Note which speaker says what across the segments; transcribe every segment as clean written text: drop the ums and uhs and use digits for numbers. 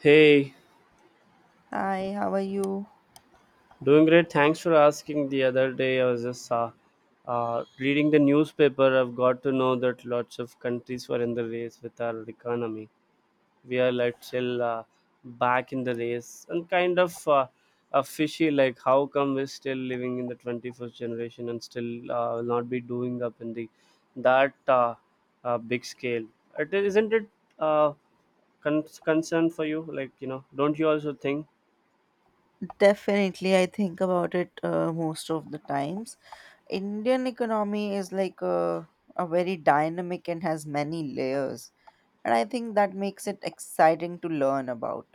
Speaker 1: Hey,
Speaker 2: Hi, how are you?
Speaker 1: doing great. Thanks for asking. The other day, I was just reading the newspaper. I've got to know that lots of countries were in the race with our economy. We are like still back in the race and kind of fishy. Like, how come we're still living in the 21st generation and still not be doing up in the that big scale? It isn't it uh, con- Concern for you? Like, you know, don't you also think?
Speaker 2: Definitely, I think about it most of the times. Indian economy is like a very dynamic and has many layers, and I think that makes it exciting to learn about.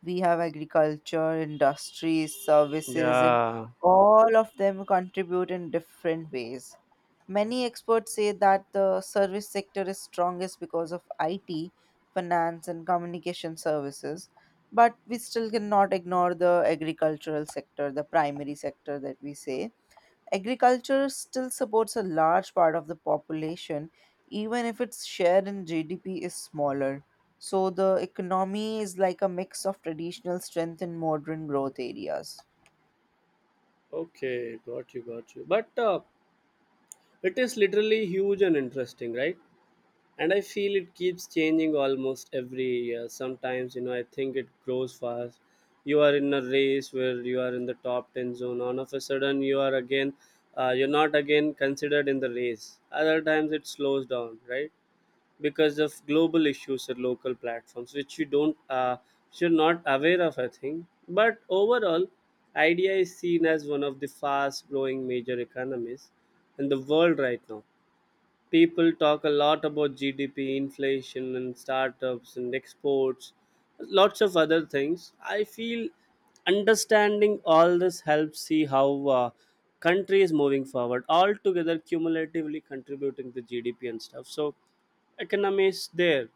Speaker 2: We have agriculture, industries, services, and
Speaker 1: Yeah.
Speaker 2: all of them contribute in different ways. Many experts say that the service sector is strongest because of IT, finance, and communication services, but we still cannot ignore the agricultural sector, the primary sector that we say. Agriculture still supports a large part of the population, even if its share in GDP is smaller. So the economy is like a mix of traditional strength and modern growth areas.
Speaker 1: Okay, got you, got you. But it is literally huge and interesting, right? And I feel it keeps changing almost every year. Sometimes, you know, I think it grows fast. You are in a race where you are in the top 10 zone. All of a sudden, you are you're not again considered in the race. Other times, it slows down, right? Because of global issues at local platforms which you don't which you're not aware of, I think. But overall, idea is seen as one of the fast growing major economies in the world right now. People talk a lot about GDP, inflation, and startups and exports, lots of other things. I feel understanding all this helps see how country is moving forward, all together cumulatively contributing to GDP and stuff. So economy is there.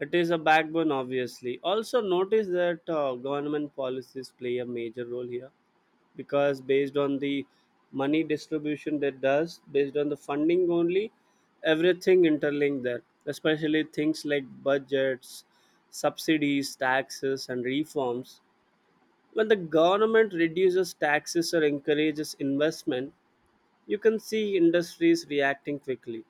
Speaker 1: It is a backbone, obviously. Also, notice that government policies play a major role here, because based on the money distribution that does, based on the funding only, everything interlinked there, especially things like budgets, subsidies, taxes and reforms. When the government reduces taxes or encourages investment, you can see industries reacting quickly.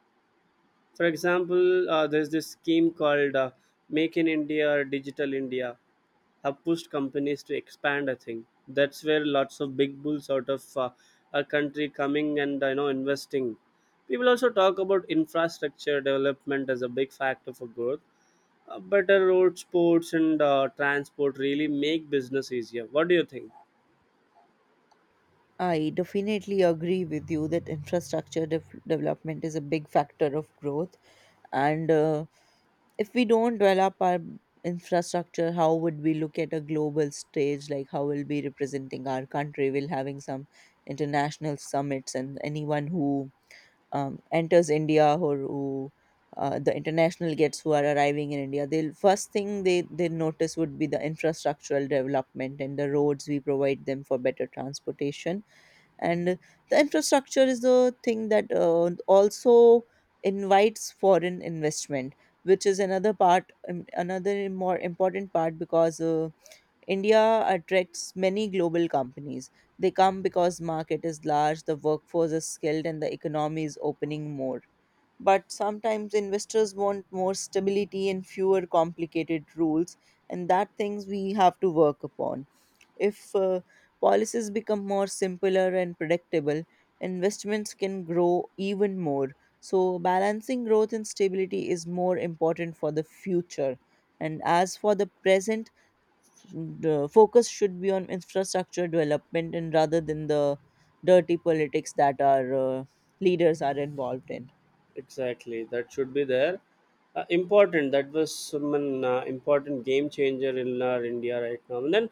Speaker 1: For example, there's this scheme called Make in India or Digital India, have pushed companies to expand. I think that's where lots of big bulls out of our country coming and, you know, investing. People also talk about infrastructure development as a big factor for growth. Better roads, ports, and transport really make business easier. What do you think?
Speaker 2: I definitely agree with you that infrastructure development is a big factor of growth. And if we don't develop our infrastructure, how would we look at a global stage? Like, how will we representing our country? We'll having some international summits, and anyone who enters India or who the international gets who are arriving in India, they'll first thing they notice would be the infrastructural development and the roads we provide them for better transportation, and the infrastructure is the thing that also invites foreign investment, which is another part, another more important part, because India attracts many global companies. They come because market is large, the workforce is skilled, and the economy is opening more. But sometimes investors want more stability and fewer complicated rules, and that things we have to work upon. If policies become more simpler and predictable, investments can grow even more. So, balancing growth and stability is more important for the future. And as for the present, the focus should be on infrastructure development and rather than the dirty politics that our leaders are involved in.
Speaker 1: Exactly, that should be there. Important that was some important game changer in our India right now. And then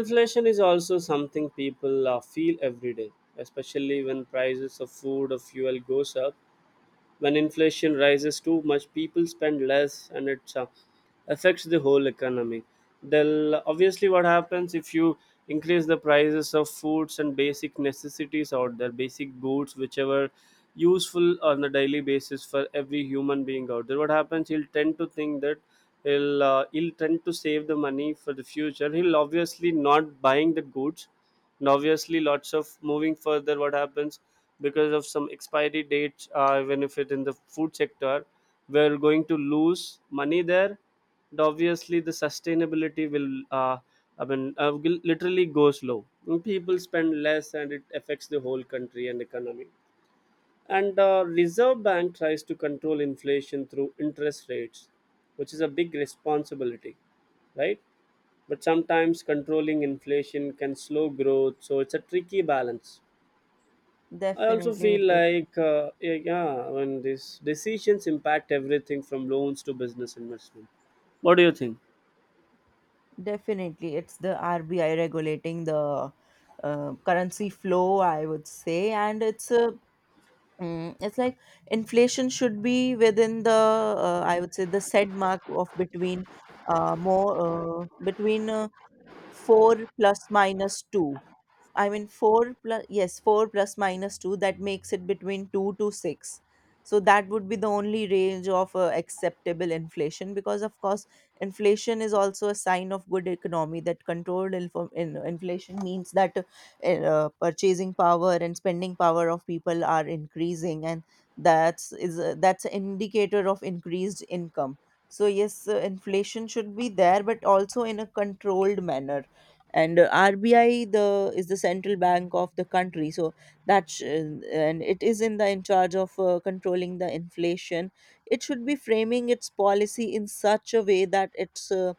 Speaker 1: inflation is also something people feel every day, especially when prices of food or fuel goes up. When inflation rises too much, people spend less and it affects the whole economy. Then obviously what happens if you increase the prices of foods and basic necessities out there, basic goods, whichever useful on a daily basis for every human being out there, what happens, he'll tend to think that he'll tend to save the money for the future. He'll obviously not buying the goods, and obviously lots of moving further what happens, because of some expiry dates, even if it in the food sector, we're going to lose money there. And obviously the sustainability will uh, will literally goes low. And people spend less and it affects the whole country and economy. And reserve bank tries to control inflation through interest rates, which is a big responsibility, right? But sometimes controlling inflation can slow growth, so it's a tricky balance. I also
Speaker 2: Definitely,
Speaker 1: feel
Speaker 2: it is.
Speaker 1: like yeah, yeah, when these decisions impact everything from loans to business investment. What do you think?
Speaker 2: Definitely, it's the RBI regulating the currency flow, I would say, and it's a, it's like inflation should be within the, I would say, the said mark of between, more between four plus minus two. I mean, four plus, yes, four plus minus two, that makes it between two to six. So that would be the only range of acceptable inflation because, of course, inflation is also a sign of good economy. That controlled inflation means that purchasing power and spending power of people are increasing, and that's an indicator of increased income. So yes, inflation should be there, but also in a controlled manner. And RBI the is the central bank of the country, so that, and it is in charge of controlling the inflation. It should be framing its policy in such a way that it's uh,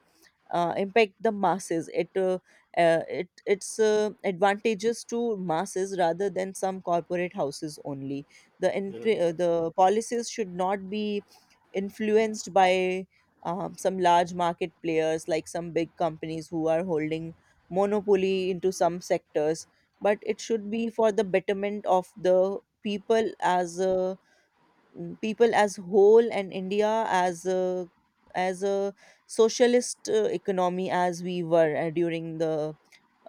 Speaker 2: uh, impact the masses. It's advantages to masses rather than some corporate houses only. The
Speaker 1: Yeah,
Speaker 2: entry, uh, the policies should not be influenced by, some large market players like some big companies who are holding monopoly into some sectors. But it should be for the betterment of the people as a people as whole, and India as a, as a socialist economy as we were during the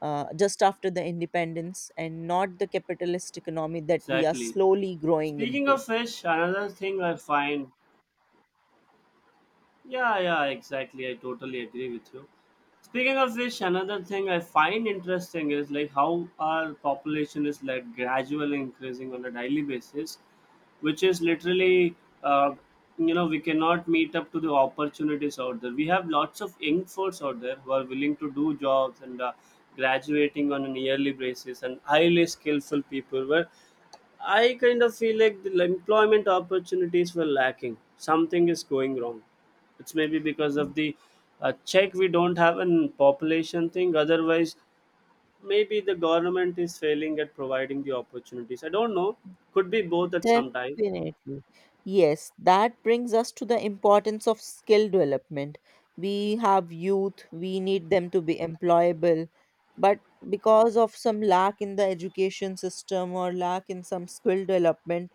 Speaker 2: just after the independence, and not the capitalist economy that we are
Speaker 1: exactly.
Speaker 2: slowly growing
Speaker 1: speaking
Speaker 2: into.
Speaker 1: of fish another thing I find Yeah, yeah, exactly. I totally agree with you. Speaking of which, another thing I find interesting is like how our population is like gradually increasing on a daily basis, which is literally, uh, you know, we cannot meet up to the opportunities out there. We have lots of young folks out there who are willing to do jobs and graduating on a yearly basis, and highly skillful people where I kind of feel like the employment opportunities were lacking. Something is going wrong. It's maybe because of the check we don't have an population thing. Otherwise, maybe the government is failing at providing the opportunities. I don't know. Could be both at some time.
Speaker 2: Definitely. Yes, that brings us to the importance of skill development. We have youth, we need them to be employable, but because of some lack in the education system or lack in some skill development,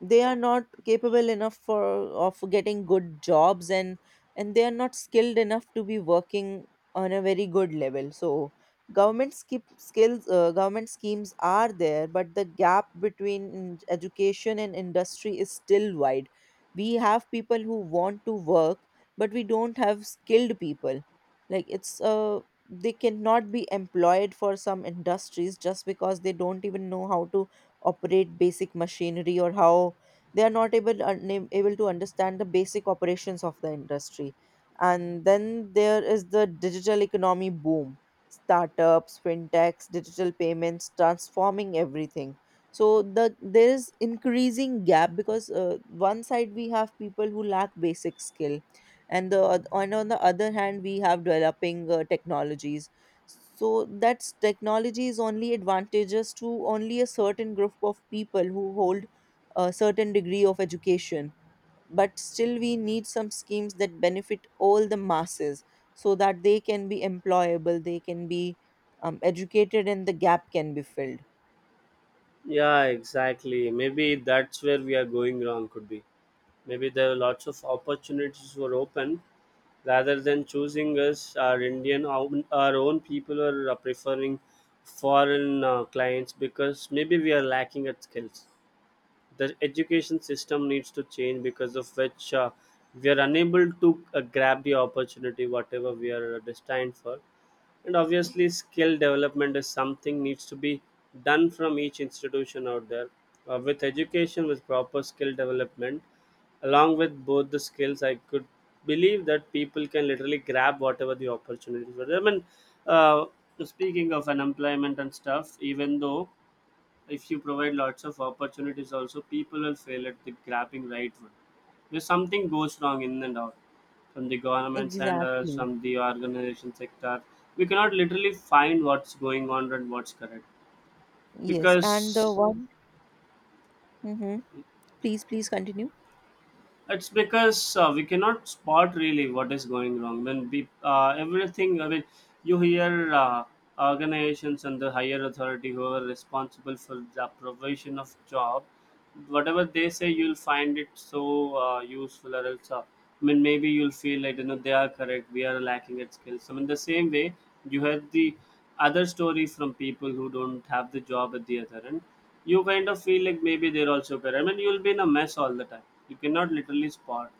Speaker 2: they are not capable enough for of getting good jobs, and they are not skilled enough to be working on a very good level. So government skip skills government schemes are there, but the gap between education and industry is still wide. We have people who want to work, but we don't have skilled people. Like, it's they cannot be employed for some industries just because they don't even know how to operate basic machinery, or how they are not able able to understand the basic operations of the industry. And then there is the digital economy boom. Startups, fintechs, digital payments transforming everything. So there is increasing gap, because one side we have people who lack basic skill, and on the other hand we have developing technologies. So that's technology is only advantageous to only a certain group of people who hold a certain degree of education. But still, we need some schemes that benefit all the masses, so that they can be employable, they can be, educated, and the gap can be filled.
Speaker 1: Yeah, exactly. Maybe that's where we are going wrong, could be. Maybe there are lots of opportunities were open, rather than choosing us, our Indian, our own people are preferring foreign clients because maybe we are lacking at skills. The education system needs to change, because of which we are unable to grab the opportunity, whatever we are destined for. And obviously skill development is something needs to be done from each institution out there. With education with proper skill development, along with both the skills, I could believe that people can literally grab whatever the opportunities were there. I mean, uh, speaking of unemployment and stuff, even though if you provide lots of opportunities also, people will fail at the grabbing right one, if something goes wrong in and out from the government and
Speaker 2: Exactly.
Speaker 1: from the organization sector, we cannot literally find what's going on and what's correct.
Speaker 2: Yes. And the
Speaker 1: Because
Speaker 2: one, Mhm. Please continue.
Speaker 1: it's because we cannot spot really what is going wrong when we everything, I mean, you hear organizations and the higher authority who are responsible for the provision of job. Whatever they say, you'll find it so useful, or else, I mean, maybe you'll feel like, you know, they are correct. We are lacking at skills. I mean, the same way you had the other stories from people who don't have the job at the other end. You kind of feel like maybe they're also correct. I mean, you'll be in a mess all the time. You cannot literally spot.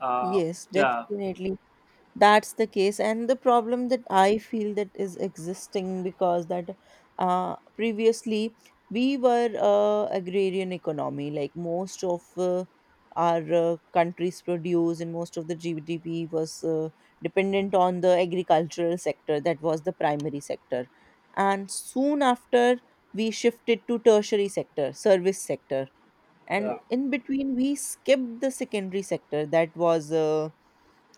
Speaker 1: Uh,
Speaker 2: Yes,
Speaker 1: yeah.
Speaker 2: definitely. That's the case and the problem that I feel that is existing, because that, previously we were agrarian economy, like most of our countries produce, and most of the GDP was dependent on the agricultural sector, that was the primary sector. And soon after, we shifted to tertiary sector, service sector,
Speaker 1: Yeah.
Speaker 2: and in between we skipped the secondary sector, that was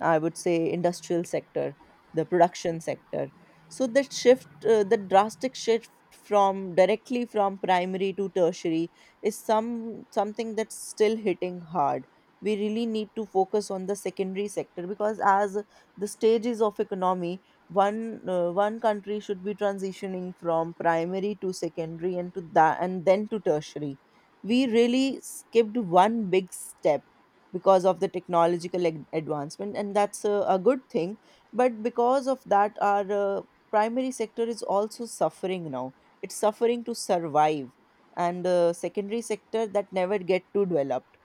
Speaker 2: I would say industrial sector, the production sector. So that shift, the drastic shift from directly from primary to tertiary, is something that's still hitting hard. We really need to focus on the secondary sector, because as the stages of economy, one country should be transitioning from primary to secondary, and to that, and then to tertiary. We really skipped one big step because of the technological advancement, and that's a good thing. But because of that our primary sector is also suffering now, it's suffering to survive. And secondary sector that never get to developed,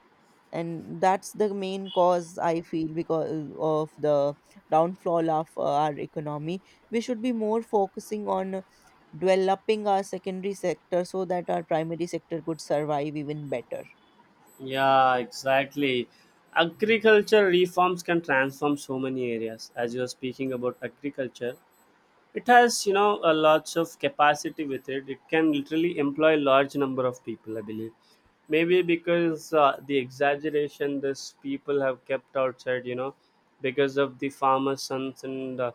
Speaker 2: and that's the main cause I feel because of the downfall of our economy. We should be more focusing on developing our secondary sector, so that our primary sector could survive even better.
Speaker 1: Yeah, exactly. Agriculture reforms can transform so many areas. As you are speaking about agriculture, it has, you know, a lots of capacity with it. It can literally employ a large number of people, I believe. Maybe because the exaggeration this people have kept outside, you know, because of the farmers sons and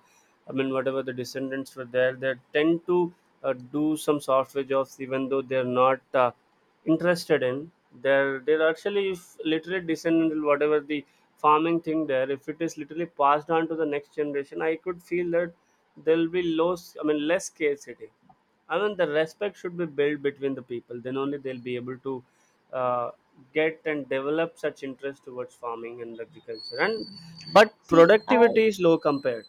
Speaker 1: I mean whatever the descendants were there, they tend to do some software jobs even though they're not interested in. They're actually if literally descendants, whatever the farming thing there, if it is literally passed on to the next generation, I could feel that there'll be low, I mean less scarcity. I mean, the respect should be built between the people. Then only they'll be able to uh, get and develop such interest towards farming and agriculture. And but
Speaker 2: See I.
Speaker 1: productivity is low compared.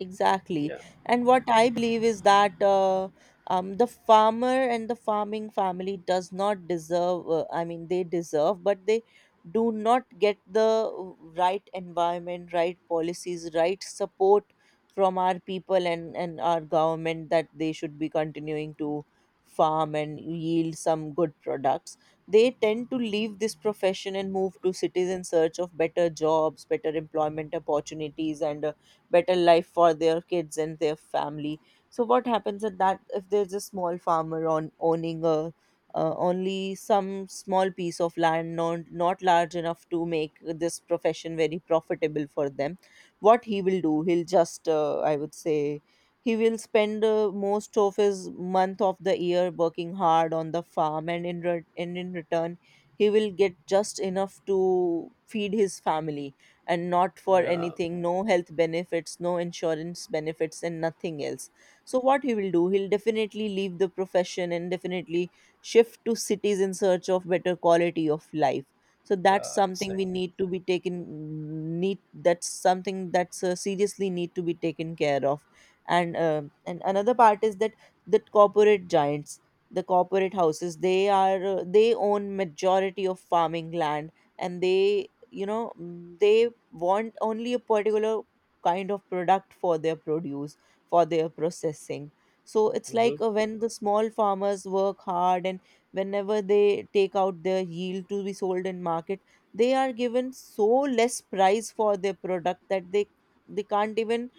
Speaker 2: Exactly.
Speaker 1: Yeah,
Speaker 2: And what I believe is that the farmer and the farming family does not deserve, I mean, they deserve, but they do not get the right environment, right policies, right support from our people and our government, that they should be continuing to farm and yield some good products. They tend to leave this profession and move to cities in search of better jobs, better employment opportunities, and better life for their kids and their family. So what happens at that, if there's a small farmer on owning a, only some small piece of land, not large enough to make this profession very profitable for them, what he will do, he'll just I would say, he will spend most of his month of the year working hard on the farm, and in return he will get just enough to feed his family, and not for
Speaker 1: yeah,
Speaker 2: anything, no health benefits, no insurance benefits, and nothing else. So what he will do, he'll definitely leave the profession, and definitely shift to cities in search of better quality of life. So that's
Speaker 1: yeah,
Speaker 2: something we
Speaker 1: exactly.
Speaker 2: need to be taken, need, that's something that's seriously need to be taken care of. And and another part is that, that corporate giants, the corporate houses, they own majority of farming land, and they you know mm, they want only a particular kind of product for their produce, for their processing. So it's like
Speaker 1: Hmm.
Speaker 2: when the small farmers work hard, and whenever they take out their yield to be sold in market, they are given so less price for their product that they can't even,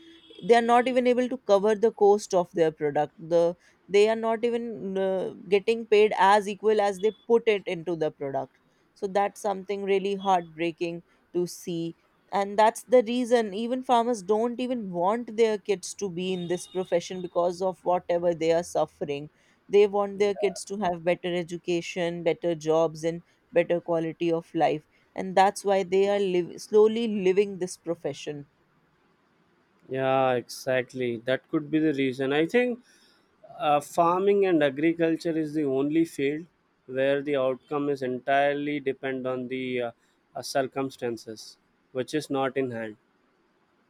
Speaker 2: they are not even able to cover the cost of their product, they are not even getting paid as equal as they put it into the product. So that's something really heartbreaking to see. And that's the reason even farmers don't even want their kids to be in this profession because of whatever they are suffering. They want their kids to have better education, better jobs, and better quality of life. And that's why they are slowly living this profession.
Speaker 1: Yeah, exactly. That could be the reason. I think farming and agriculture is the only field where the outcome is entirely depend on the circumstances, which is not in hand.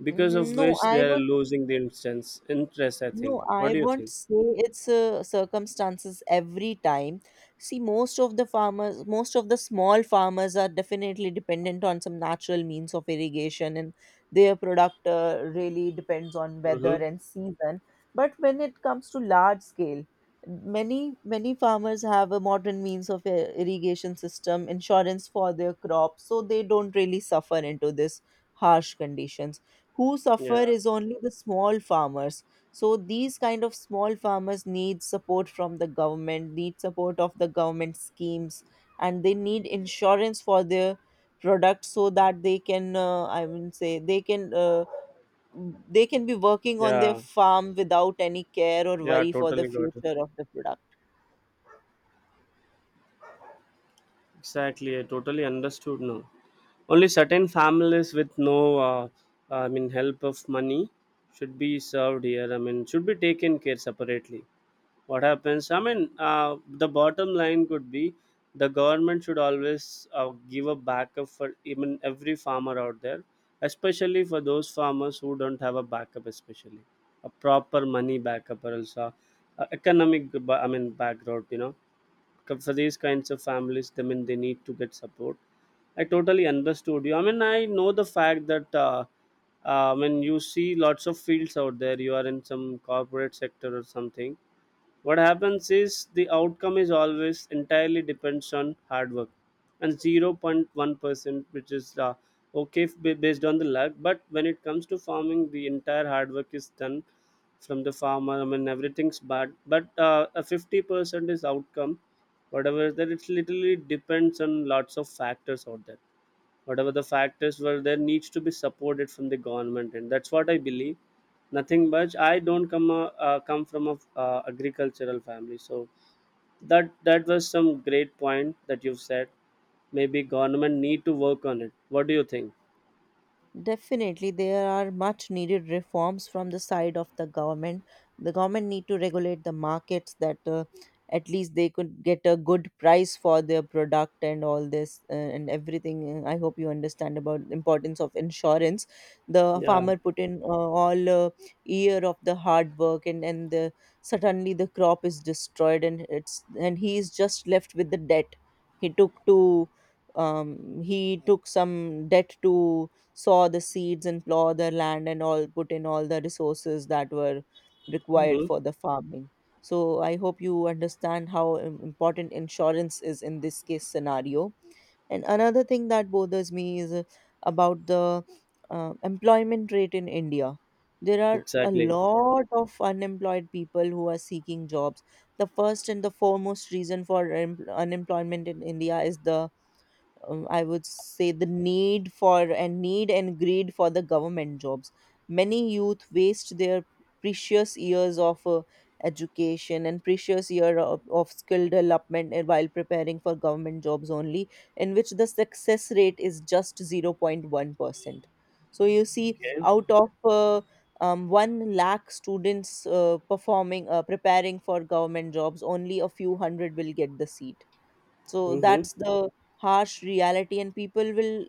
Speaker 1: Because of
Speaker 2: Mhm.
Speaker 1: which they are losing the instance interest, I think.
Speaker 2: No,
Speaker 1: What
Speaker 2: I
Speaker 1: do you
Speaker 2: won't
Speaker 1: think?
Speaker 2: say it's circumstances every time. See, most of the farmers, most of the small farmers are definitely dependent on some natural means of irrigation, and their product really depends on weather
Speaker 1: Mm-hmm.
Speaker 2: and season. But when it comes to large scale, many farmers have a modern means of irrigation system, insurance for their crops, so they don't really suffer into this harsh conditions. Who suffer
Speaker 1: Yeah,
Speaker 2: is only the small farmers, so these kind of small farmers need support from the government, need support of the government schemes, and they need insurance for their product so that they can I would say they can be working on their
Speaker 1: yeah,
Speaker 2: farm without any care or
Speaker 1: yeah,
Speaker 2: worry for the
Speaker 1: totally got it.
Speaker 2: future of the product.
Speaker 1: Exactly, I totally understood now. Only certain families with no I mean help of money should be served here, I mean should be taken care separately. What happens, I mean, uh, the bottom line could be, the government should always give a backup for even every farmer out there, especially for those farmers who don't have a backup, especially a proper money backup, or else economic I mean background, you know. 'Cause for these kinds of families, I mean they need to get support. I totally understood you, I mean I know the fact that when you see lots of fields out there, you are in some corporate sector or something, what happens is the outcome is always entirely depends on hard work and 0.1% which is okay, based on the luck. But when it comes to farming, the entire hard work is done from the farmer, I mean everything's bad, but a 50% is outcome, whatever is that, it literally depends on lots of factors out there. Whatever the fact is, well there needs to be supported from the government, and that's what I believe. Nothing much, I don't come come from a agricultural family. So that that was some great point that you've said. Maybe government need to work on it. What do you think?
Speaker 2: Definitely, there are much needed reforms from the side of the government. The government need to regulate the markets that at least they could get a good price for their product and all this and everything. I hope you understand about the importance of insurance. The
Speaker 1: Yeah.
Speaker 2: farmer put in all year of the hard work and the, suddenly the crop is destroyed and it's and he is just left with the debt. He took to he took some debt to sow the seeds and plow the land and all, put in all the resources that were required
Speaker 1: Hmm.
Speaker 2: for the farming. So I hope you understand how important insurance is in this case scenario. And another thing that bothers me is about the employment rate in India. There are a
Speaker 1: Exactly.
Speaker 2: lot of unemployed people who are seeking jobs. The first and the foremost reason for unemployment in India is the I would say the need for and need and greed for the government jobs. Many youth waste their precious years of education and precious year of skill development and while preparing for government jobs only, in which the success rate is just 0.1%. So you see,
Speaker 1: Okay.
Speaker 2: out of 1 lakh students performing preparing for government jobs, only a few hundred will get the seat. So
Speaker 1: Mm-hmm.
Speaker 2: that's the harsh reality, and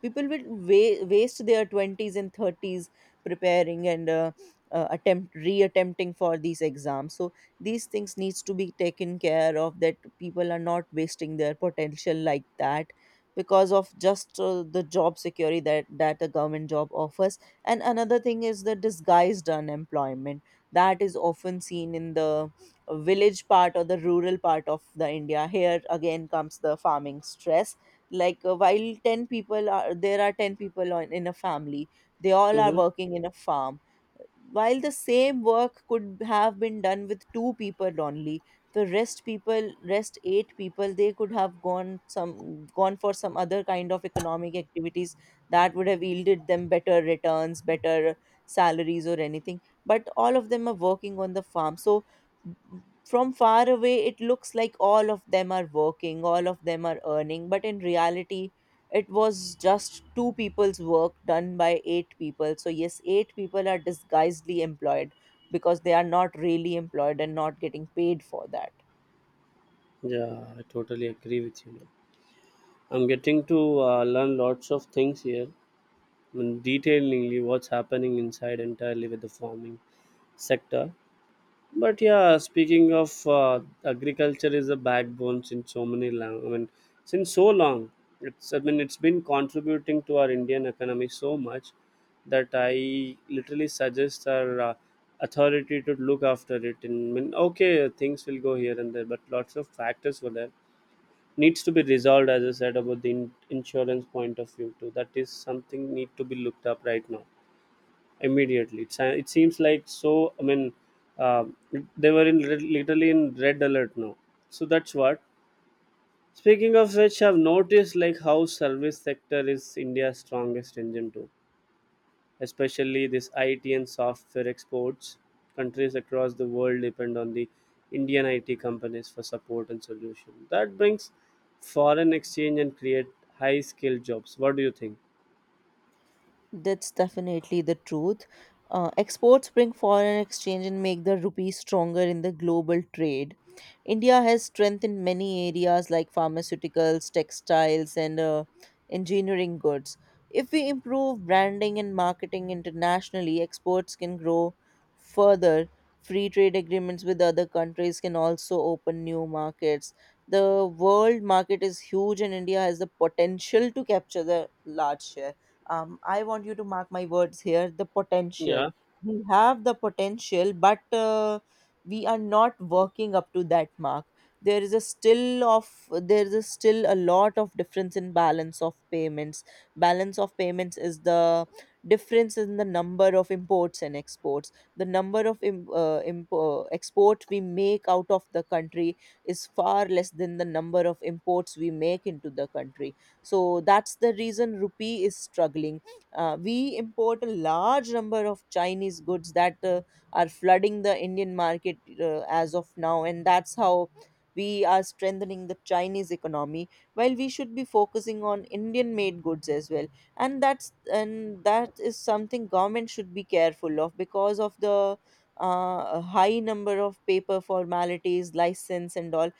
Speaker 2: people will waste their 20s and 30s preparing and attempt reattempting for these exams. So these things needs to be taken care of, that people are not wasting their potential like that because of just the job security that a government job offers. And another thing is the disguised unemployment that is often seen in the village part or the rural part of the India. Here again comes the farming stress, like uh, while 10 people are there are 10 people on, in a family, they all are
Speaker 1: Mm-hmm.
Speaker 2: working in a farm, while the same work could have been done with two people only. The rest people rest eight people, they could have gone some gone for some other kind of economic activities that would have yielded them better returns, better salaries or anything, but all of them are working on the farm. So from far away it looks like all of them are working, all of them are earning, but in reality it was just two people's work done by eight people. So yes, eight people are disguisedly employed because they are not really employed and not getting paid for that.
Speaker 1: Yeah, I totally agree with you. I'm getting to learn lots of things here, I mean, detailingly what's happening inside entirely with the farming sector. But yeah, speaking of agriculture is a backbone since so many long, I mean, since so long, it's, I mean it's been contributing to our Indian economy so much that I literally suggest our authority to look after it. And I mean, okay, things will go here and there, but lots of factors were there needs to be resolved. As I said about the insurance point of view too, that is something need to be looked up right now immediately. It's, it seems like so. Uh, they were in literally in red alert now. So that's what. Speaking of which, I've noticed like how service sector is India's strongest engine too. Especially this IT and software exports. Countries across the world depend on the Indian IT companies for support and solution. That brings foreign exchange and create high skilled jobs. What do you think?
Speaker 2: That's definitely the truth. Exports bring foreign exchange and make the rupee stronger in the global trade. India has strength in many areas like pharmaceuticals, textiles, and engineering goods. If we improve branding and marketing internationally, exports can grow further. Free trade agreements with other countries can also open new markets. The world market is huge, and India has the potential to capture the large share. I want you to mark my words here, the potential
Speaker 1: Yeah.
Speaker 2: we have. The potential, but we are not working up to that mark. there is a still of there is a still a lot of difference in balance of payments. Balance of payments is the difference in the number of imports and exports. The number of export we make out of the country is far less than the number of imports we make into the country, so that's the reason rupee is struggling. We import a large number of Chinese goods that are flooding the Indian market as of now, and that's how we are strengthening the Chinese economy while we should be focusing on Indian made goods as well. And that is something government should be careful of, because of the high number of paper formalities, license, and all,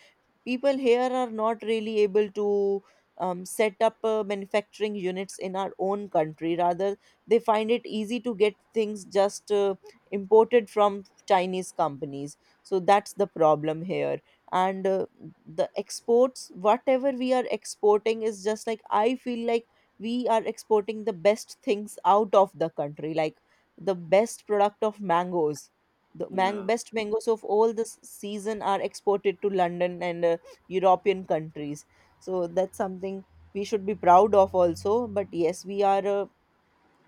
Speaker 2: people here are not really able to set up manufacturing units in our own country. Rather, they find it easy to get things just imported from Chinese companies. So that's the problem here. And the exports, whatever we are exporting, is just, like, I feel like we are exporting the best things out of the country, like the best product of mangoes. The
Speaker 1: Yeah.
Speaker 2: best mangoes of all the season are exported to London and European countries. So that's something we should be proud of also. But yes, we are a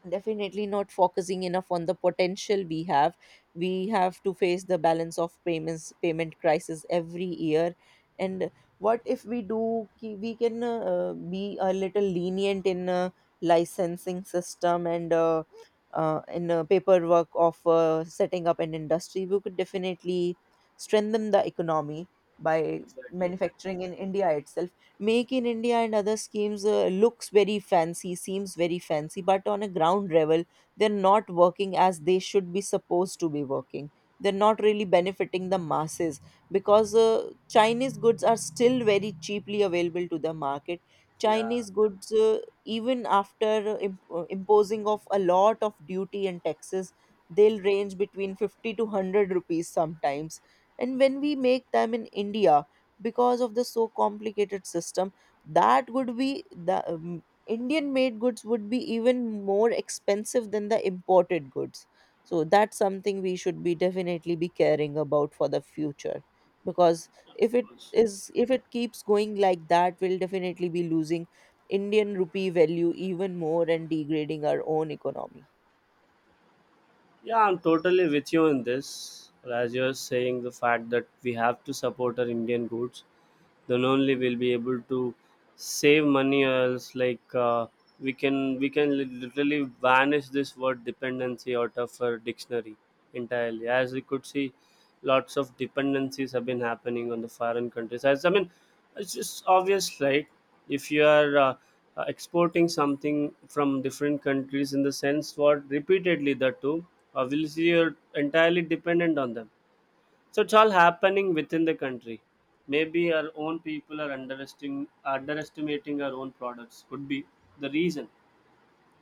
Speaker 2: definitely not focusing enough on the potential we have. We have to face the balance of payments payment crisis every year. And what if we do we can be a little lenient in licensing system and in paperwork of setting up an industry, we could definitely strengthen the economy by
Speaker 1: Exactly.
Speaker 2: manufacturing in India itself. Make in India and other schemes looks very fancy, seems very fancy, but on a ground level, they're not working as they should be supposed to be working. They're not really benefiting the masses because Chinese goods are still very cheaply available to the market.
Speaker 1: Yeah.
Speaker 2: Chinese goods, even after imposing of a lot of duty and taxes, they'll range between 50 to 100 rupees sometimes. And when we make them in India, because of the so complicated system, that would be the Indian made goods would be even more expensive than the imported goods. So that's something we should be definitely be caring about for the future, because if it is if it keeps going like that, we'll definitely be losing Indian rupee value even more and degrading our own economy.
Speaker 1: Yeah, I'm totally with you in this. As you're saying, the fact that we have to support our Indian goods then only we'll be able to save money, or else like we can literally vanish this word dependency out of our dictionary entirely. As we could see, lots of dependencies have been happening on the foreign countries. As I mean, it's just obvious, right? If you are exporting something from different countries in the sense what repeatedly, that too, obviously you're entirely dependent on them. So it's all happening within the country. Maybe our own people are underestimating our own products. Could be the reason.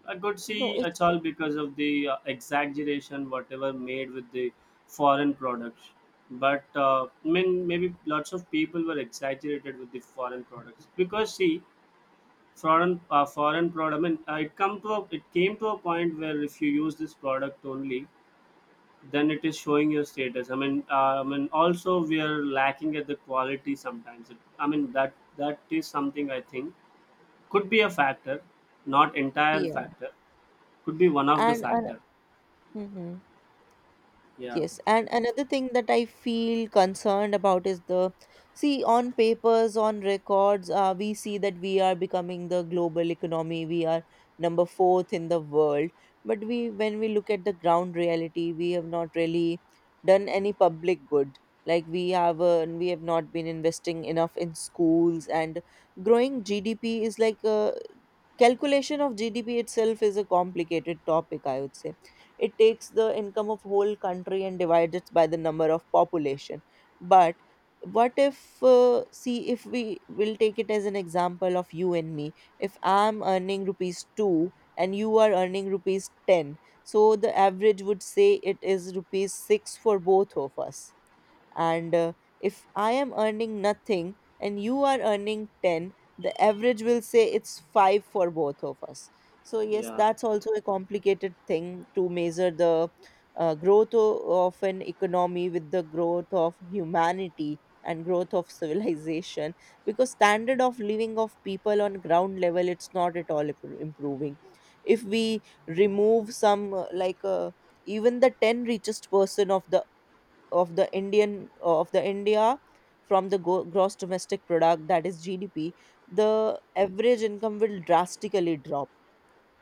Speaker 1: I could
Speaker 2: No,
Speaker 1: see it's
Speaker 2: it's,
Speaker 1: all because of the exaggeration, whatever made with the foreign products. But I mean, maybe lots of people were exaggerated with the foreign products because see, foreign product. I mean, it it came to a point where if you use this product only, then it is showing your status. I mean, I mean, also we are lacking at the quality sometimes, it, I mean, that is something I think could be a factor, not entire
Speaker 2: yeah.
Speaker 1: factor, could be one of the
Speaker 2: And
Speaker 1: factor.
Speaker 2: mm-hmm.
Speaker 1: Yeah.
Speaker 2: Yes, and another thing that I feel concerned about is the, see, on papers, on records, we see that we are becoming the global economy. We are number fourth in the world, but we when we look at the ground reality, we have not really done any public good. Like we have not been investing enough in schools. And growing GDP is like a, calculation of GDP itself is a complicated topic. I would say it takes the income of whole country and divides it by the number of population. But what if see, if we will take it as an example of you and me, if I'm earning rupees 2 and you are earning rupees 10, so the average would say it is rupees 6 for both of us. And if I am earning nothing and you are earning 10, the average will say it's 5 for both of us. So yes,
Speaker 1: Yeah.
Speaker 2: that's also a complicated thing to measure the growth of an economy with the growth of humanity and growth of civilization, because standard of living of people on ground level, it's not at all improving. If we remove some even the 10 richest person of the Indian of the India, from the gross domestic product, that is GDP, the average income will drastically drop.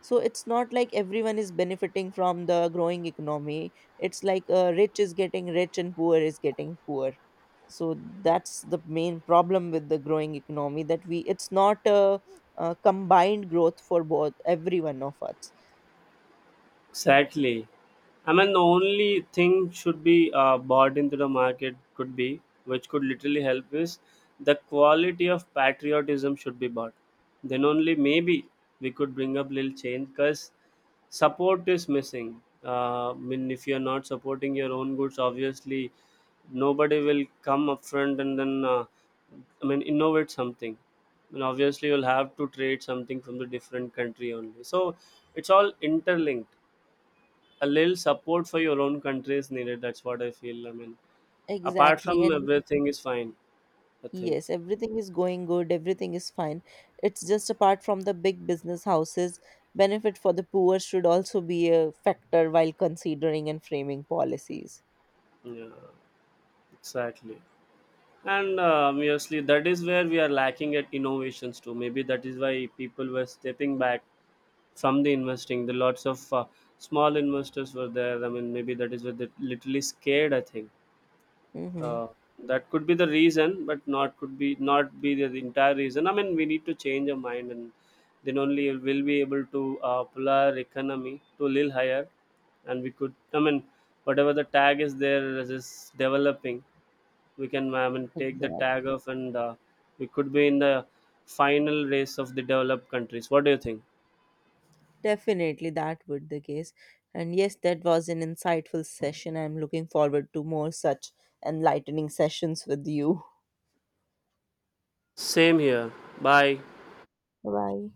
Speaker 2: So it's not like everyone is benefiting from the growing economy. It's like rich is getting rich and poor is getting poor. So that's the main problem with the growing economy, that we it's not a a combined growth for both every one of us.
Speaker 1: Exactly. I mean, the only thing should be bought into the market could be, which could literally help is the quality of patriotism should be bought. Then only maybe we could bring up little change because support is missing. I mean, if you're not supporting your own goods, obviously nobody will come up front and then I mean innovate something. And obviously, you'll have to trade something from the different country only. So it's all interlinked. A little support for your own country is needed. That's what I feel. I mean, apart
Speaker 2: Exactly,
Speaker 1: from,
Speaker 2: and
Speaker 1: everything is fine. I think.
Speaker 2: yes, everything is going good, everything is fine. It's just apart from the big business houses, benefit for the poor should also be a factor while considering and framing policies.
Speaker 1: Yeah, exactly. And obviously, that is where we are lacking at innovations too. Maybe that is why people were stepping back from the investing. The lots of small investors were there. I mean, maybe that is where they're literally scared. I think.
Speaker 2: Mm-hmm.
Speaker 1: Uh, that could be the reason, but not be the entire reason. I mean, we need to change our mind, and then only we'll be able to pull our economy to a little higher, and we could. I mean, whatever the tag is there is developing, we can. I mean, take the
Speaker 2: Exactly.
Speaker 1: tag off, and we could be in the final race of the developed countries. What do you think?
Speaker 2: Definitely that would the case. And yes, that was an insightful session. I'm looking forward to more such enlightening sessions with you.
Speaker 1: Same here. Bye.
Speaker 2: Bye.